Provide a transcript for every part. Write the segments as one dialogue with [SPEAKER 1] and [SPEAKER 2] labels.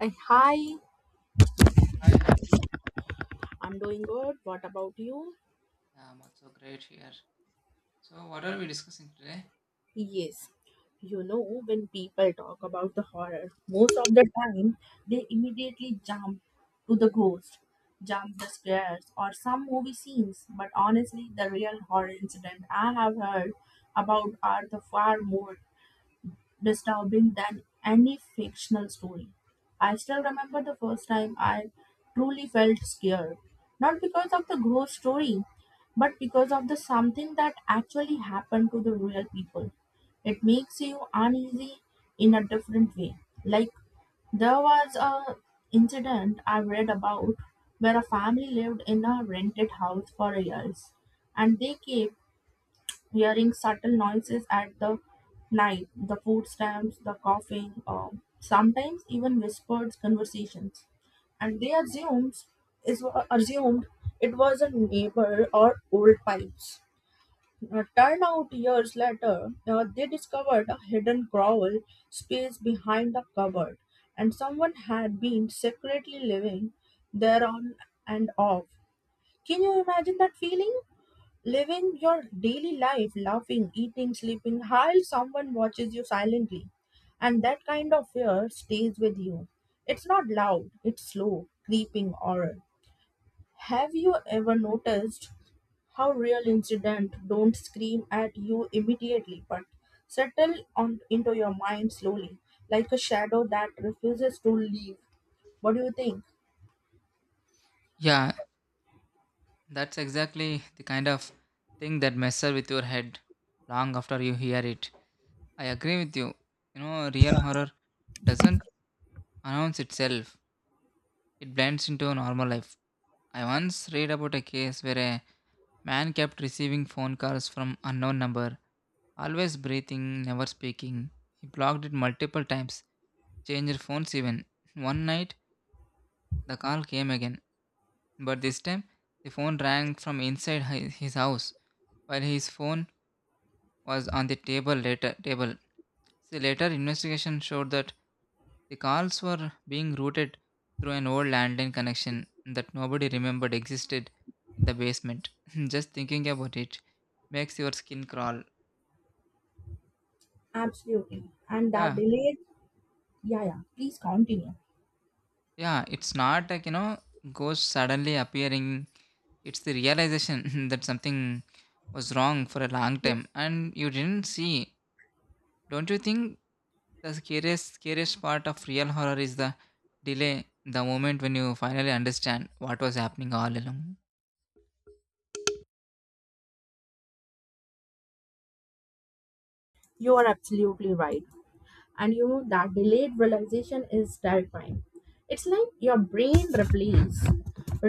[SPEAKER 1] Uh, Hi,
[SPEAKER 2] Hi, how are you?
[SPEAKER 1] I'm doing good. What about you?
[SPEAKER 2] I'm also great here. So, what are we discussing today?
[SPEAKER 1] Yes. You know, when people talk about the horror, most of the time they immediately jump to the ghost, jump the scares, or some movie scenes. But honestly, the real horror incident I have heard about are the far more disturbing than any fictional story. I still remember the first time I truly felt scared, not because of the ghost story, but because of the something that actually happened to the real people. It makes you uneasy in a different way. Like there was a incident I read about where a family lived in a rented house for years and they kept hearing subtle noises at the night, the footsteps, the coughing, or sometimes even whispered conversations. And they assumed, assumed it was a neighbor or old pipes. Turned out years later, they discovered a hidden growl space behind the cupboard, and someone had been secretly living there on and off. Can you imagine that feeling? Living your daily life, laughing, eating, sleeping, while someone watches you silently. And that kind of fear stays with you. It's not loud, it's slow, creeping horror. Have you ever noticed how real incidents don't scream at you immediately but settle on into your mind slowly, like a shadow that refuses to leave? What do you think?
[SPEAKER 2] Yeah, that's exactly the kind of thing that messes with your head long after you hear it. I agree with you. Real horror doesn't announce itself, it blends into normal life. I once read about a case where a man kept receiving phone calls from unknown number, always breathing, never speaking. He blocked it multiple times, changed phones even. One night, the call came again. But this time, the phone rang from inside his house, while his phone was on the table. See, later investigation showed that the calls were being routed through an old landline connection that nobody remembered existed in the basement. Just thinking about it makes your skin crawl.
[SPEAKER 1] Absolutely. And that
[SPEAKER 2] Yeah,
[SPEAKER 1] delay, yeah, yeah, please continue.
[SPEAKER 2] yeah. It's not like ghosts suddenly appearing. It's the realization that something was wrong for a long time and you didn't see. Don't you think the scariest part of real horror is the delay, the moment when you finally understand what was happening all along?
[SPEAKER 1] You are absolutely right. And you know that delayed realization is terrifying. It's like your brain replays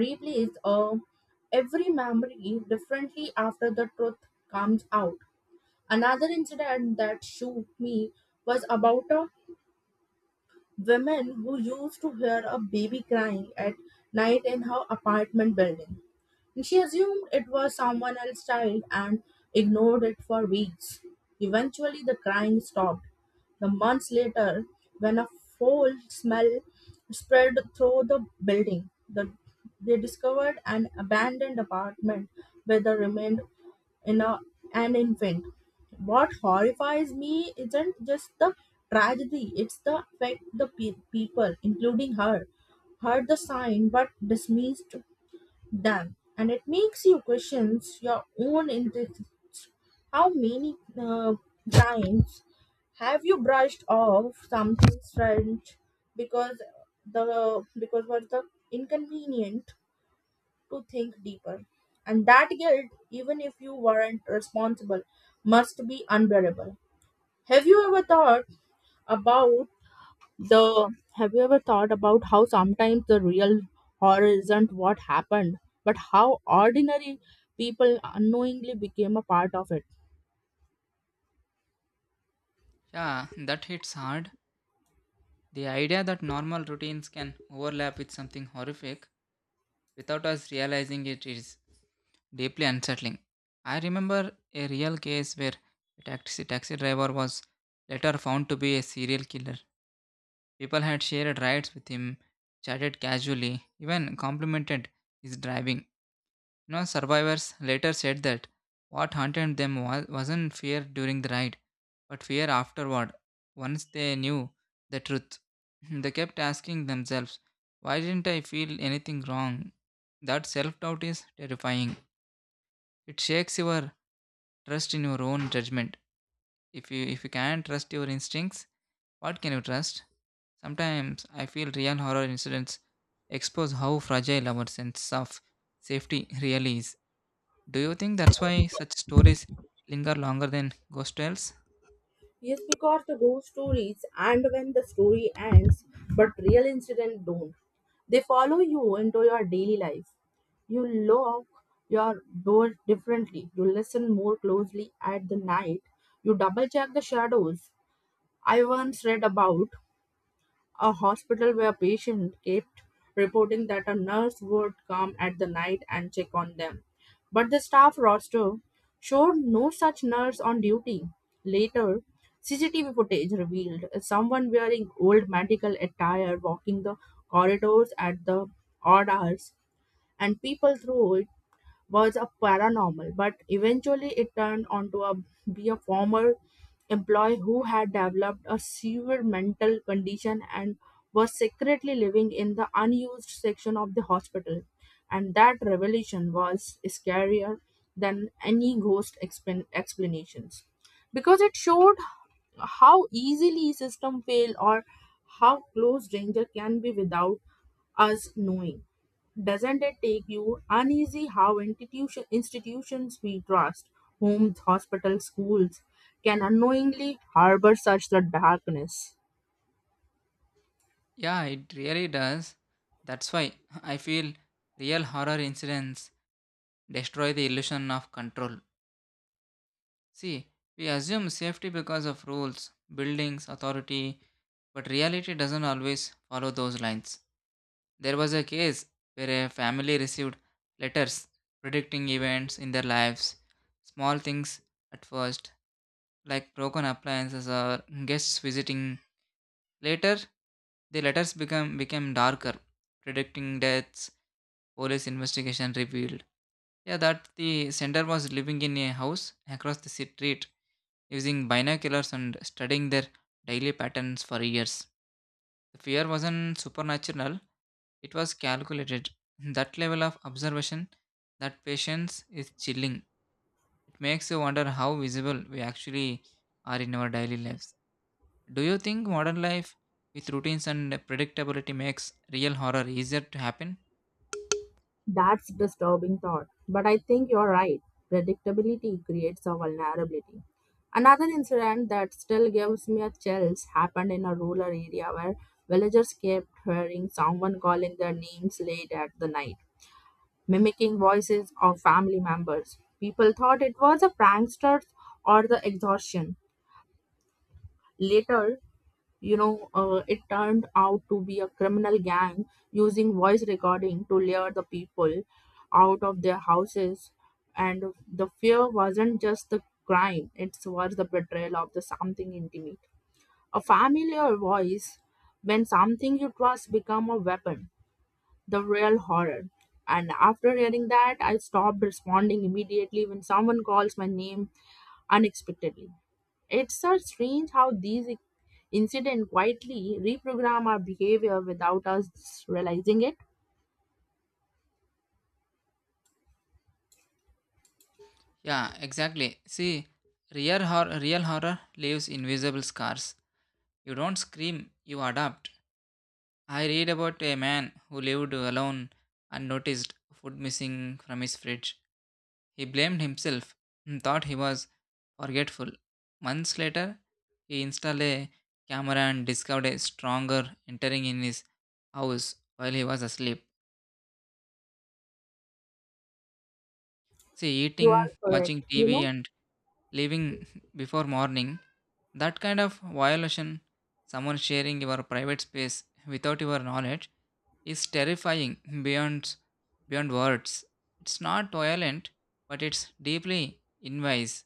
[SPEAKER 1] replays uh, every memory differently after the truth comes out. Another incident that shook me was about a Women who used to hear a baby crying at night in her apartment building. She assumed it was someone else's child and ignored it for weeks. Eventually, the crying stopped. The months later, when a foul smell spread through the building, they discovered an abandoned apartment where the remained in a, an infant. What horrifies me isn't just the tragedy, it's the fact the people, including her, heard the sign but dismissed them. And it makes you question your own interests. How many times have you brushed off something strange because the because was the inconvenient to think deeper. And that guilt, even if you weren't responsible, must be unbearable. Have you ever thought about the have you ever thought about how sometimes the real horror isn't what happened, but how ordinary people unknowingly became a part of it?
[SPEAKER 2] Yeah, that hits hard. The idea that normal routines can overlap with something horrific without us realizing it is deeply unsettling. I remember a real case where a taxi driver was later found to be a serial killer. People had shared rides with him, chatted casually, even complimented his driving. No survivors later said that what haunted them wasn't fear during the ride, but fear afterward, once they knew the truth. They kept asking themselves, why didn't I feel anything wrong? That self doubt is terrifying. It shakes your trust in your own judgment. If you can't trust your instincts, what can you trust? Sometimes I feel real horror incidents expose how fragile our sense of safety really is. Do you think that's why such stories linger longer than ghost tales?
[SPEAKER 1] Yes, because the ghost stories and when the story ends, but real incidents don't. They follow you into your daily life. You lock your door differently. You listen more closely at the night. You double check the shadows. I once read about a hospital where patients kept reporting that a nurse would come at the night and check on them. But the staff roster showed no such nurse on duty. Later, CCTV footage revealed someone wearing old medical attire walking the corridors at the odd hours, and people through it was a paranormal, but eventually it turned on to be a former employee who had developed a severe mental condition and was secretly living in the unused section of the hospital. And that revelation was scarier than any ghost explanations because it showed how easily system fail or how close danger can be without us knowing. Doesn't it take you uneasy how institutions we trust, homes, hospitals, schools, can unknowingly harbor such the darkness?
[SPEAKER 2] Yeah, it really does. That's why I feel real horror incidents destroy the illusion of control. See, we assume safety because of rules, buildings, authority, but reality doesn't always follow those lines. There was a case where a family received letters predicting events in their lives, small things at first, like broken appliances or guests visiting. Later, the letters become became darker, predicting deaths. Police investigation revealed, yeah, that the sender was living in a house across the street, using binoculars and studying their daily patterns for years. The fear wasn't supernatural; it was calculated. That level of observation, that patience is chilling. It makes you wonder how visible we actually are in our daily lives. Do you think modern life with routines and predictability makes real horror easier to happen?
[SPEAKER 1] That's disturbing thought. But I think you're right. Predictability creates a vulnerability. Another incident that still gives me a chills happened in a rural area where villagers kept hearing someone calling their names late at the night, mimicking voices of family members. People thought it was a pranksters or the exhaustion. Later, it turned out to be a criminal gang using voice recording to lure the people out of their houses. And the fear wasn't just the crime, it was the betrayal of the something intimate. A familiar voice when something you trust become a weapon the real horror. And after hearing that, I stopped responding immediately when someone calls my name unexpectedly. It's so strange how these incidents quietly reprogram our behavior without us realizing it.
[SPEAKER 2] Yeah, exactly. See, real horror leaves invisible scars. You don't scream, you adapt. I read about a man who lived alone and noticed food missing from his fridge. He blamed himself and thought he was forgetful. Months later, he installed a camera and discovered a stronger entering in his house while he was asleep. See,
[SPEAKER 1] You are
[SPEAKER 2] eating, watching
[SPEAKER 1] correct. You
[SPEAKER 2] TV,
[SPEAKER 1] know,
[SPEAKER 2] and leaving before morning, that kind of violation, someone sharing your private space without your knowledge, is terrifying beyond beyond words. It's not violent, but it's deeply invasive.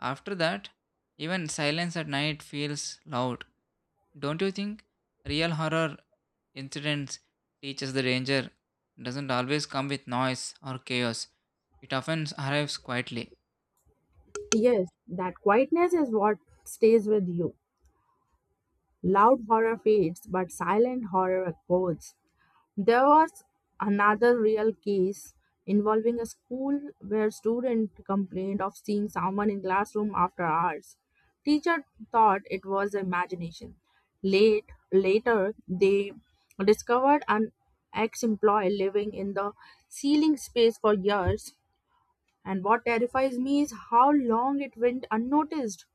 [SPEAKER 2] After that, even silence at night feels loud. Don't you think real horror incidents teaches the danger doesn't always come with noise or chaos? It often arrives quietly.
[SPEAKER 1] yes, that quietness is what stays with you. Loud horror fades, but silent horror echoes. There was another real case involving a school where student complained of seeing someone in classroom after hours. Teacher thought it was imagination. Late Later they discovered an ex-employee living in the ceiling space for years. And what terrifies me is how long it went unnoticed.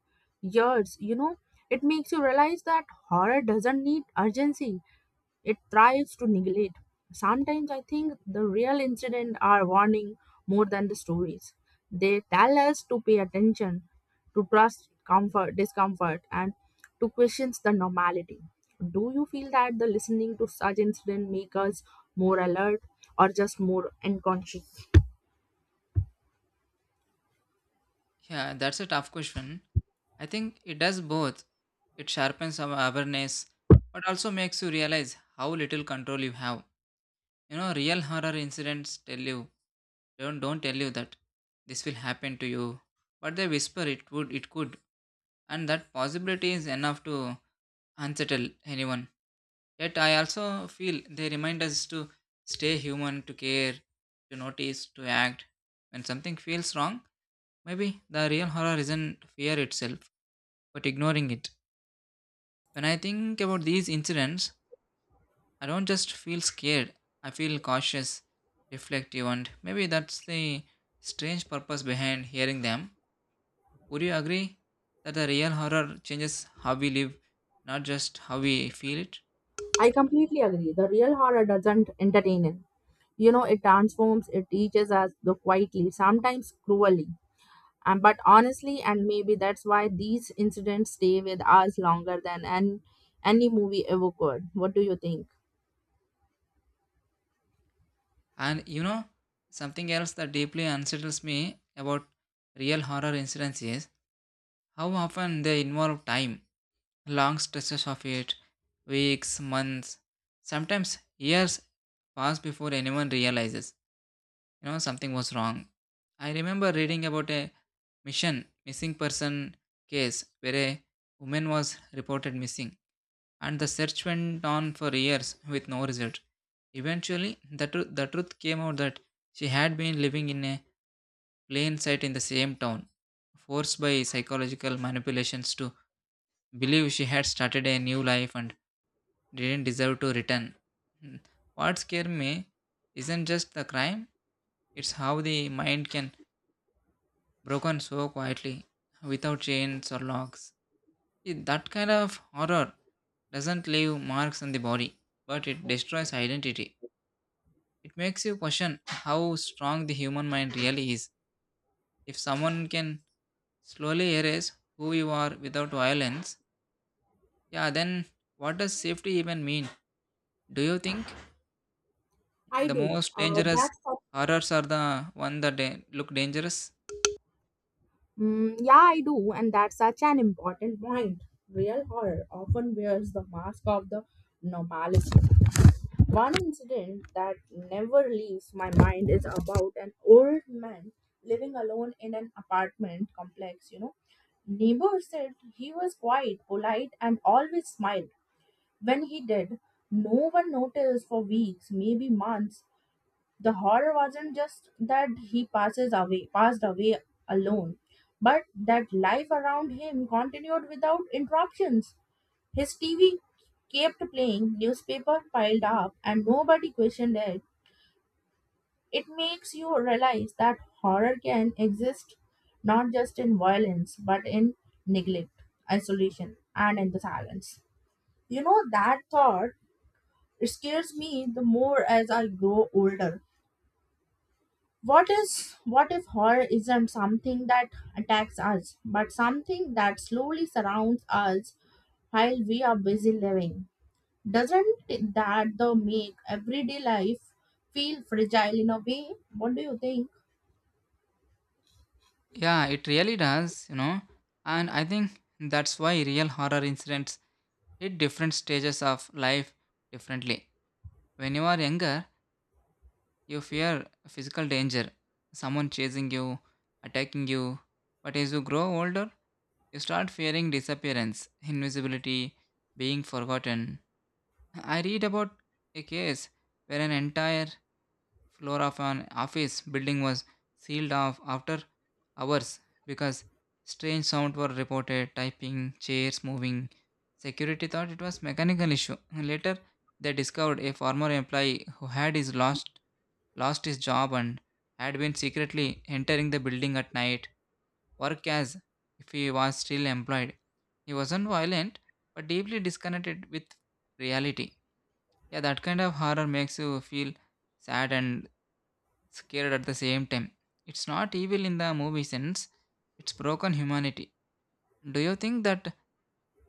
[SPEAKER 1] Years, you know, it makes you realize that horror doesn't need urgency, it thrives to neglect. Sometimes I think the real incidents are warning more than the stories. They tell us to pay attention, to trust comfort, discomfort, and to question the normality. Do you feel that the listening to such incident make us more alert or just more unconscious?
[SPEAKER 2] Yeah, that's a tough question. I think it does both. It sharpens our awareness, but also makes you realize how little control you have. Real horror incidents tell you don't tell you that this will happen to you, but they whisper it could, and that possibility is enough to unsettle anyone. Yet I also feel they remind us to stay human, to care, to notice, to act. When something feels wrong, maybe the real horror isn't fear itself, but ignoring it. When I think about these incidents, I don't just feel scared, I feel cautious, reflective, and maybe that's the strange purpose behind hearing them. Would you agree that the real horror changes how we live, not just how we feel it?
[SPEAKER 1] I completely agree. The real horror doesn't entertain it. You know, it transforms, it teaches us the quietly, sometimes cruelly. But honestly, and maybe that's why these incidents stay with us longer than any movie ever could. What do you think?
[SPEAKER 2] And something else that deeply unsettles me about real horror incidents is how often they involve time, long stretches of it, weeks, months, sometimes years pass before anyone realizes, something was wrong. I remember reading about a mission missing person case where a woman was reported missing and the search went on for years with no result. Eventually, the truth came out that she had been living in a plain sight in the same town, forced by psychological manipulations to believe she had started a new life and didn't deserve to return. Hmm. What scared me isn't just the crime, it's how the mind can broken so quietly, without chains or locks. See, that kind of horror doesn't leave marks on the body, but it destroys identity. It makes you question how strong the human mind really is. If someone can slowly erase who you are without violence, yeah, then what does safety even mean? Do you think
[SPEAKER 1] I
[SPEAKER 2] the
[SPEAKER 1] do.
[SPEAKER 2] most dangerous
[SPEAKER 1] That's a
[SPEAKER 2] horrors are the one that look dangerous?
[SPEAKER 1] Mm, yeah, I do, and that's such an important point. Real horror often wears the mask of the normalcy. One incident that never leaves my mind is about an old man living alone in an apartment complex, you know. Neighbors said he was quiet, polite and always smiled. When he did, no one noticed for weeks, maybe months. The horror wasn't just that he passed away alone, but that life around him continued without interruptions. His TV kept playing, newspaper piled up, and nobody questioned it. It makes you realize that horror can exist not just in violence, but in neglect, isolation, and in the silence. You know, that thought scares me the more as I grow older. What if horror isn't something that attacks us, but something that slowly surrounds us while we are busy living? Doesn't that though make everyday life feel fragile in a way? What do you think?
[SPEAKER 2] Yeah, it really does. And I think that's why real horror incidents hit different stages of life differently. When you are younger, you fear physical danger, someone chasing you, attacking you. But as you grow older, you start fearing disappearance, invisibility, being forgotten. I read about a case where an entire floor of an office building was sealed off after hours because strange sounds were reported typing, chairs moving. Security thought it was mechanical issue. Later they discovered a former employee who had his lost lost his job and had been secretly entering the building at night, work as if he was still employed. He wasn't violent, but deeply disconnected with reality. Yeah, that kind of horror makes you feel sad and scared at the same time. It's not evil in the movie sense, it's broken humanity. Do you think that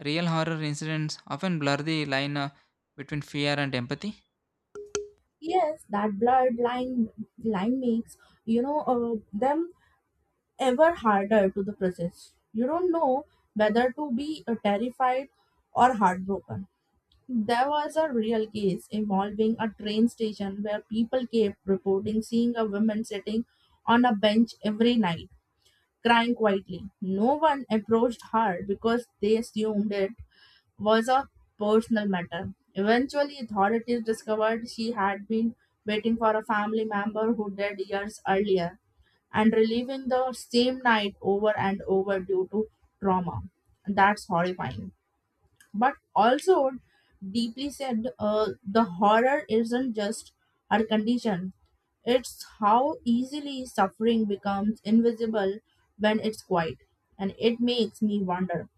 [SPEAKER 2] real horror incidents often blur the line between fear and empathy?
[SPEAKER 1] Yes, that blurred line makes them ever harder to the process. You don't know whether to be terrified or heartbroken. There was a real case involving a train station where people kept reporting seeing a woman sitting on a bench every night, crying quietly. No one approached her because they assumed it was a personal matter. Eventually, authorities discovered she had been waiting for a family member who died years earlier and reliving the same night over and over due to trauma. That's horrifying but also deeply said the horror isn't just our condition, it's how easily suffering becomes invisible when it's quiet. And it makes me wonder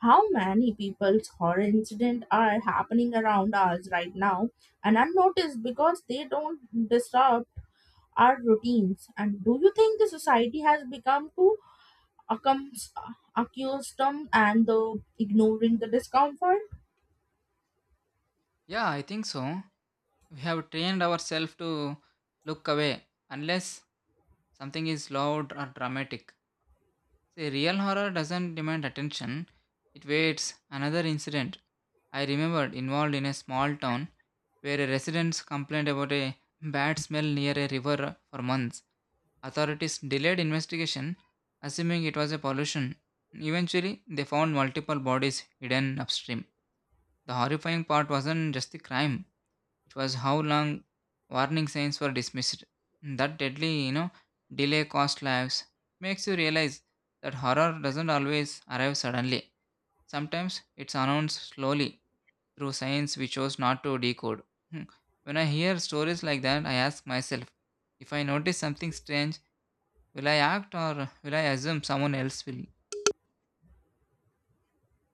[SPEAKER 1] how many people's horror incidents are happening around us right now and unnoticed because they don't disrupt our routines. And do you think the society has become too accum- accustomed and the ignoring the discomfort?
[SPEAKER 2] Yeah, I think so. We have trained ourselves to look away unless something is loud or dramatic. See, real horror doesn't demand attention, it waits. Another incident I remembered involved in a small town where a resident complained about a bad smell near a river for months. Authorities delayed investigation, assuming it was a pollution. Eventually, they found multiple bodies hidden upstream. The horrifying part wasn't just the crime, it was how long warning signs were dismissed. That deadly delay cost lives. Makes you realize that horror doesn't always arrive suddenly. Sometimes it's announced slowly through signs we chose not to decode. Hmm. When I hear stories like that, I ask myself, if I notice something strange, will I act or will I assume someone else will?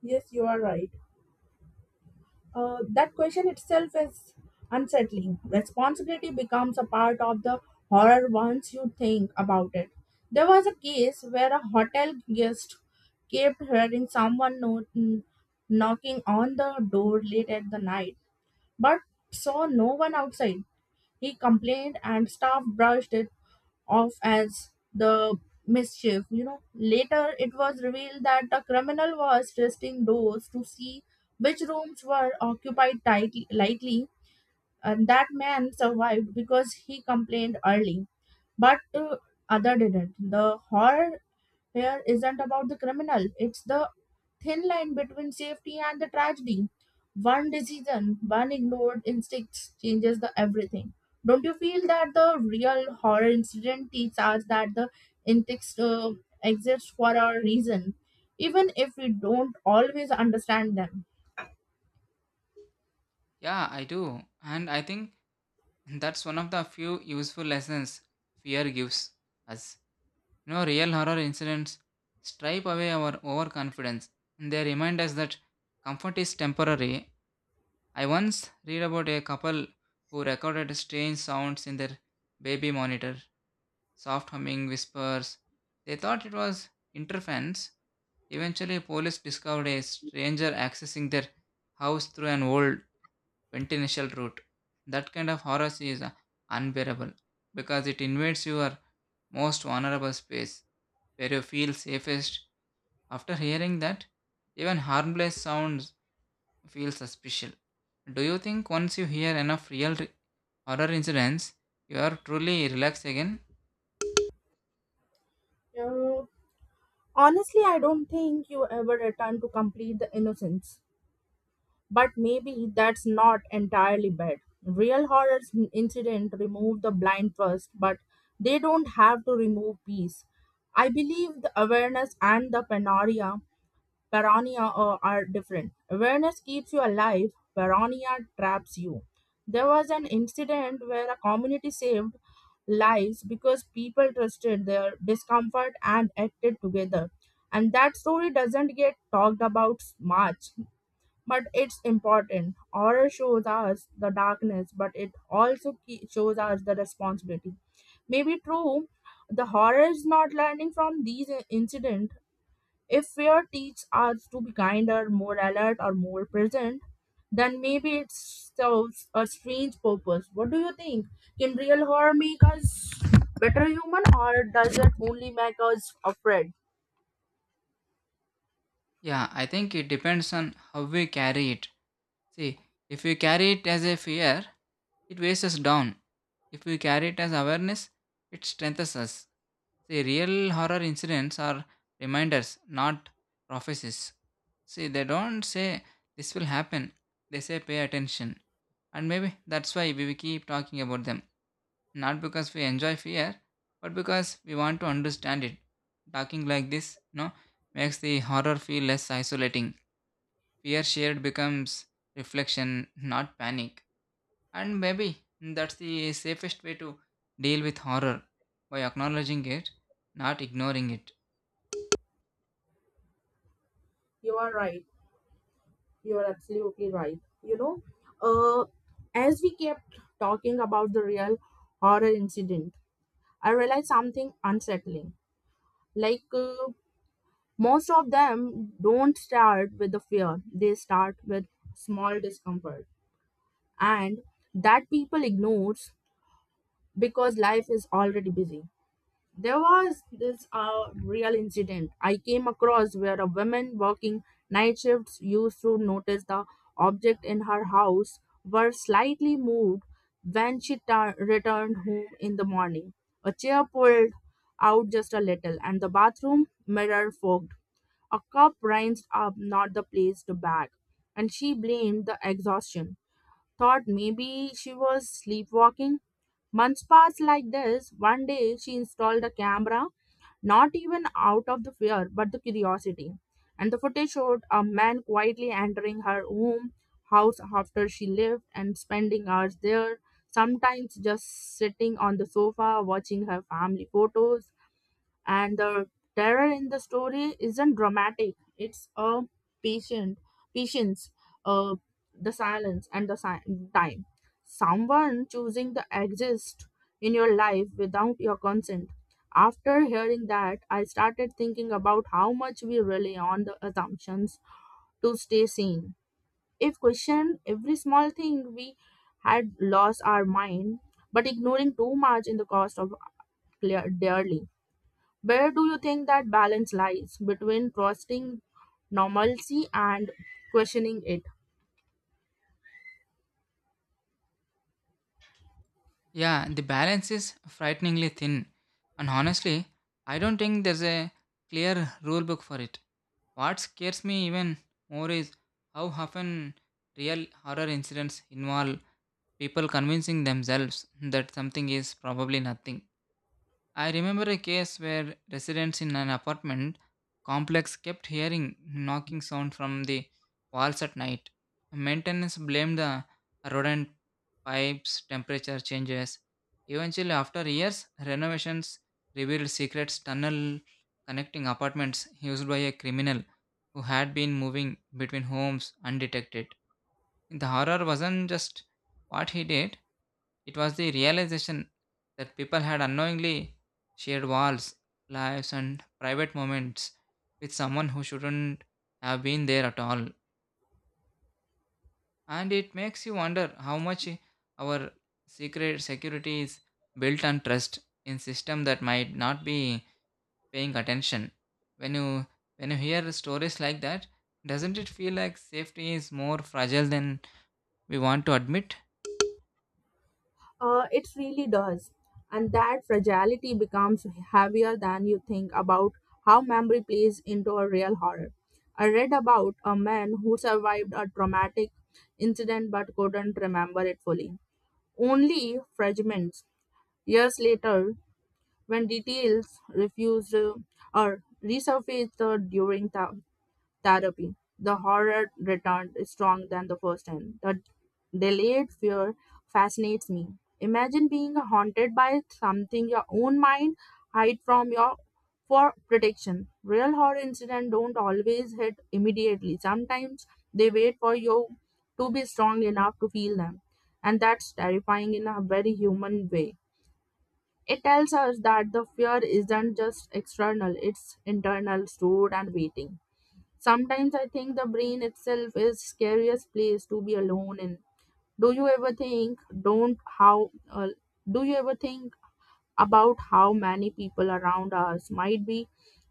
[SPEAKER 1] Yes, you are right. That question itself is unsettling. Responsibility becomes a part of the horror once you think about it. There was a case where a hotel guest kept hearing someone knocking on the door late at the night, but saw no one outside. He complained, and staff brushed it off as the mischief. You know, later it was revealed that the criminal was testing doors to see which rooms were occupied lightly, and that man survived because he complained early. But other didn't. The horror Fear is isn't about the criminal, it's the thin line between safety and the tragedy. One decision, one ignored instinct changes the everything. Don't you feel that the real horror incident teaches us that the instincts exist for a reason, even if we don't always understand them?
[SPEAKER 2] Yeah, I do. And I think that's one of the few useful lessons fear gives us. Real horror incidents stripe away our overconfidence. And they remind us that comfort is temporary. I once read about a couple who recorded strange sounds in their baby monitor, soft humming, whispers. They thought it was interference. Eventually, police discovered a stranger accessing their house through an old penitential route. That kind of horror is unbearable because it invades your most vulnerable space where you feel safest. After hearing that, even harmless sounds feel suspicious. Do you think once you hear enough real horror incidents, you are truly relaxed again?
[SPEAKER 1] Uh, Honestly, I don't think you ever return to complete the innocence. But maybe that's not entirely bad. Real horror incident remove the blind trust, but they don't have to remove peace. I believe the awareness and the paranoia are different. Awareness keeps you alive, paranoia traps you. There was an incident where a community saved lives because people trusted their discomfort and acted together. And that story doesn't get talked about much but it's important. Horror shows us the darkness, but it also shows us the responsibility. Maybe true, the horror is not learning from these incident. If fear teaches us to be kinder, more alert, or more present, then maybe it serves a strange purpose. What do you think? Can real horror make us better human, or does it only make us afraid?
[SPEAKER 2] Yeah, I think it depends on how we carry it. See, if we carry it as a fear, it weighs us down. If we carry it as awareness, it strengthens us. See, real horror incidents are reminders, not prophecies. See, they don't say this will happen, they say pay attention. And maybe that's why we keep talking about them. Not because we enjoy fear, but because we want to understand it. Talking like this, makes the horror feel less isolating. Fear shared becomes reflection, not panic. And maybe that's the safest way to deal with horror by acknowledging it, not ignoring it.
[SPEAKER 1] You are right. You're absolutely right. You know, uh, as we kept talking about the real horror incident, I realized something unsettling. Like, uh, most of them don't start with the fear, they start with small discomfort. And that people ignores because life is already busy. There was this real incident I came across where a woman working night shifts used to notice the object in her house were slightly moved when she returned home in the morning. A chair pulled out just a little, and the bathroom mirror fogged. A cup rinsed up, not the placed bag, and she blamed the exhaustion. Thought maybe she was sleepwalking. Months passed like this. One day she installed a camera, not even out of the fear but the curiosity. And the footage showed a man quietly entering her home house after she left and spending hours there, sometimes just sitting on the sofa watching her family photos. And the terror in the story isn't dramatic, it's a patient patience, uh the silence and the time, someone choosing to exist in your life without your consent. After hearing that, I started thinking about how much we rely on the assumptions to stay sane. If questioned every small thing, we had lost our mind, but ignoring too much in the cost of clear dearly. Where do you think that balance lies between trusting normalcy and questioning it?
[SPEAKER 2] Yeah, the balance is frighteningly thin. And honestly, I don't think there's a clear rule book for it. What scares me even more is how often real horror incidents involve people convincing themselves that something is probably nothing. I remember a case where residents in an apartment complex kept hearing knocking sound from the walls at night. Maintenance blamed the rodent pipes, temperature changes. Eventually, after years, renovations revealed secret tunnel connecting apartments used by a criminal who had been moving between homes undetected. The horror wasn't just what he did, it was the realization that people had unknowingly shared walls, lives, and private moments with someone who shouldn't have been there at all. And it makes you wonder how much our secret security is built on trust in system that might not be paying attention. When you when you hear stories like that, doesn't it feel like safety is more fragile than we want to admit?
[SPEAKER 1] It really does. And that fragility becomes heavier than you think about how memory plays into a real horror. I read about a man who survived a traumatic incident but couldn't remember it fully. Only fragments. Years later, when details refused or resurfaced during the therapy. The horror returned stronger than the first time. The delayed fear fascinates me. Imagine being haunted by something your own mind hide from your for protection. Real horror incidents don't always hit immediately. Sometimes they wait for you to be strong enough to feel them. And that's terrifying in a very human way. It tells us that the fear isn't just external, it's internal, stored and waiting. Sometimes I think the brain itself is scariest place to be alone in. Do you ever think don't how do you ever think about how many people around us might be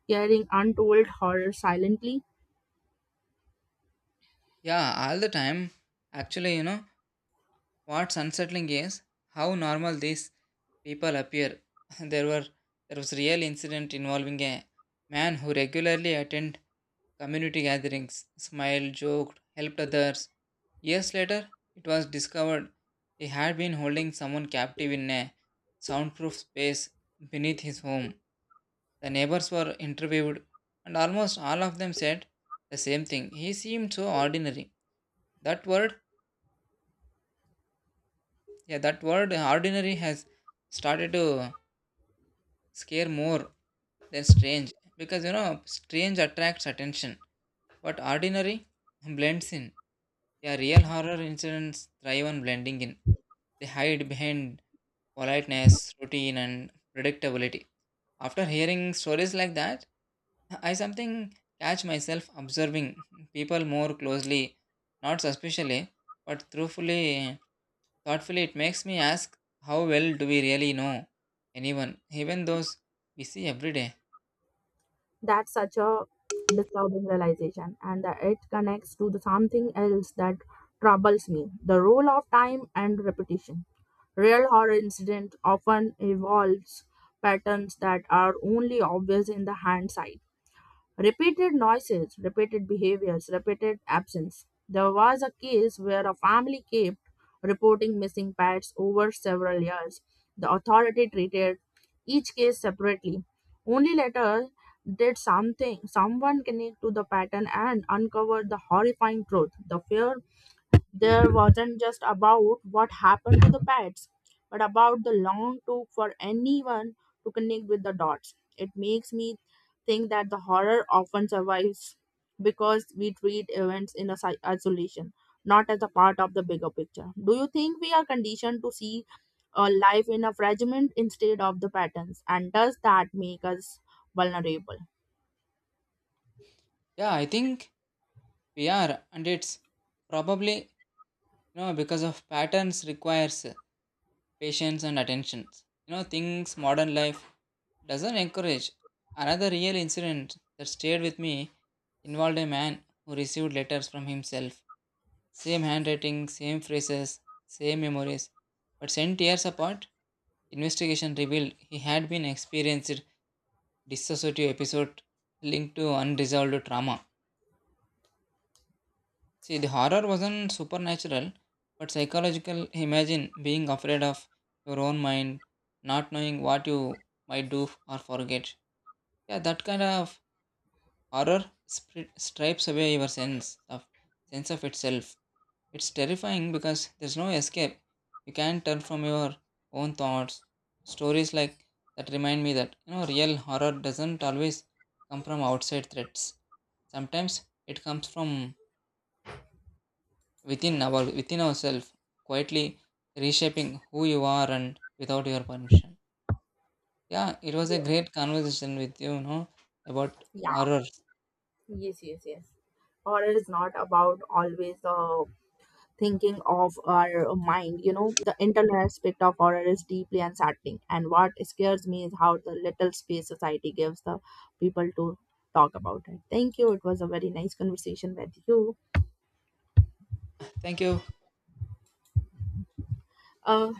[SPEAKER 1] carrying untold horror silently?
[SPEAKER 2] Yeah, all the time. Actually, what's unsettling is how normal these people appear. there were there was real incident involving a man who regularly attended community gatherings, smiled, joked, helped others. Years later, it was discovered he had been holding someone captive in a soundproof space beneath his home. The neighbors were interviewed, and almost all of them said the same thing. He seemed so ordinary. That word, yeah, that word ordinary has started to scare more than strange, because strange attracts attention but ordinary blends in. Yeah, real horror incidents thrive on blending in. They hide behind politeness, routine, and predictability. After hearing stories like that, I something catch myself observing people more closely, not suspiciously but truthfully, thoughtfully. It makes me ask, how well do we really know anyone, even those we see every day?
[SPEAKER 1] That's such a disturbing realization and that it connects to the something else that troubles me, the role of time and repetition. Real horror incident often evolves patterns that are only obvious in the hindsight. Repeated noises, repeated behaviors, repeated absence. There was a case where a family kept reporting missing pets over several years. The authority treated each case separately. Only later did something someone connect to the pattern and uncovered the horrifying truth. The fear there wasn't just about what happened to the pets, but about the long took for anyone to connect with the dots. It makes me think that the horror often survives because we treat events in a isolation, not as a part of the bigger picture. Do you think we are conditioned to see a life in a fragment instead of the patterns? And does that make us vulnerable?
[SPEAKER 2] Yeah, I think we are, and it's probably because of patterns requires patience and attention. Things modern life doesn't encourage. Another real incident that stayed with me involved a man who received letters from himself. Same handwriting, same phrases, same memories, but sent years apart. Investigation revealed he had been experienced dissociative episode linked to unresolved trauma. See, the horror wasn't supernatural, but psychological. Imagine being afraid of your own mind, not knowing what you might do or forget. Yeah, that kind of horror stripes away your sense of itself. It's terrifying because there's no escape. You can't turn from your own thoughts. Stories like that remind me that real horror doesn't always come from outside threats. Sometimes it comes from within ourselves quietly reshaping who you are and without your permission. Yeah, it was a
[SPEAKER 1] Yeah.
[SPEAKER 2] great conversation with you, you know about
[SPEAKER 1] Yeah.
[SPEAKER 2] horror.
[SPEAKER 1] Yes, yes, yes. Horror is not about always the thinking of our mind, you know, the internal aspect of horror is deeply unsettling, and what scares me is how the little space society gives the people to talk about it. Thank you, it was a very nice conversation with you.
[SPEAKER 2] Thank you.
[SPEAKER 1] uh,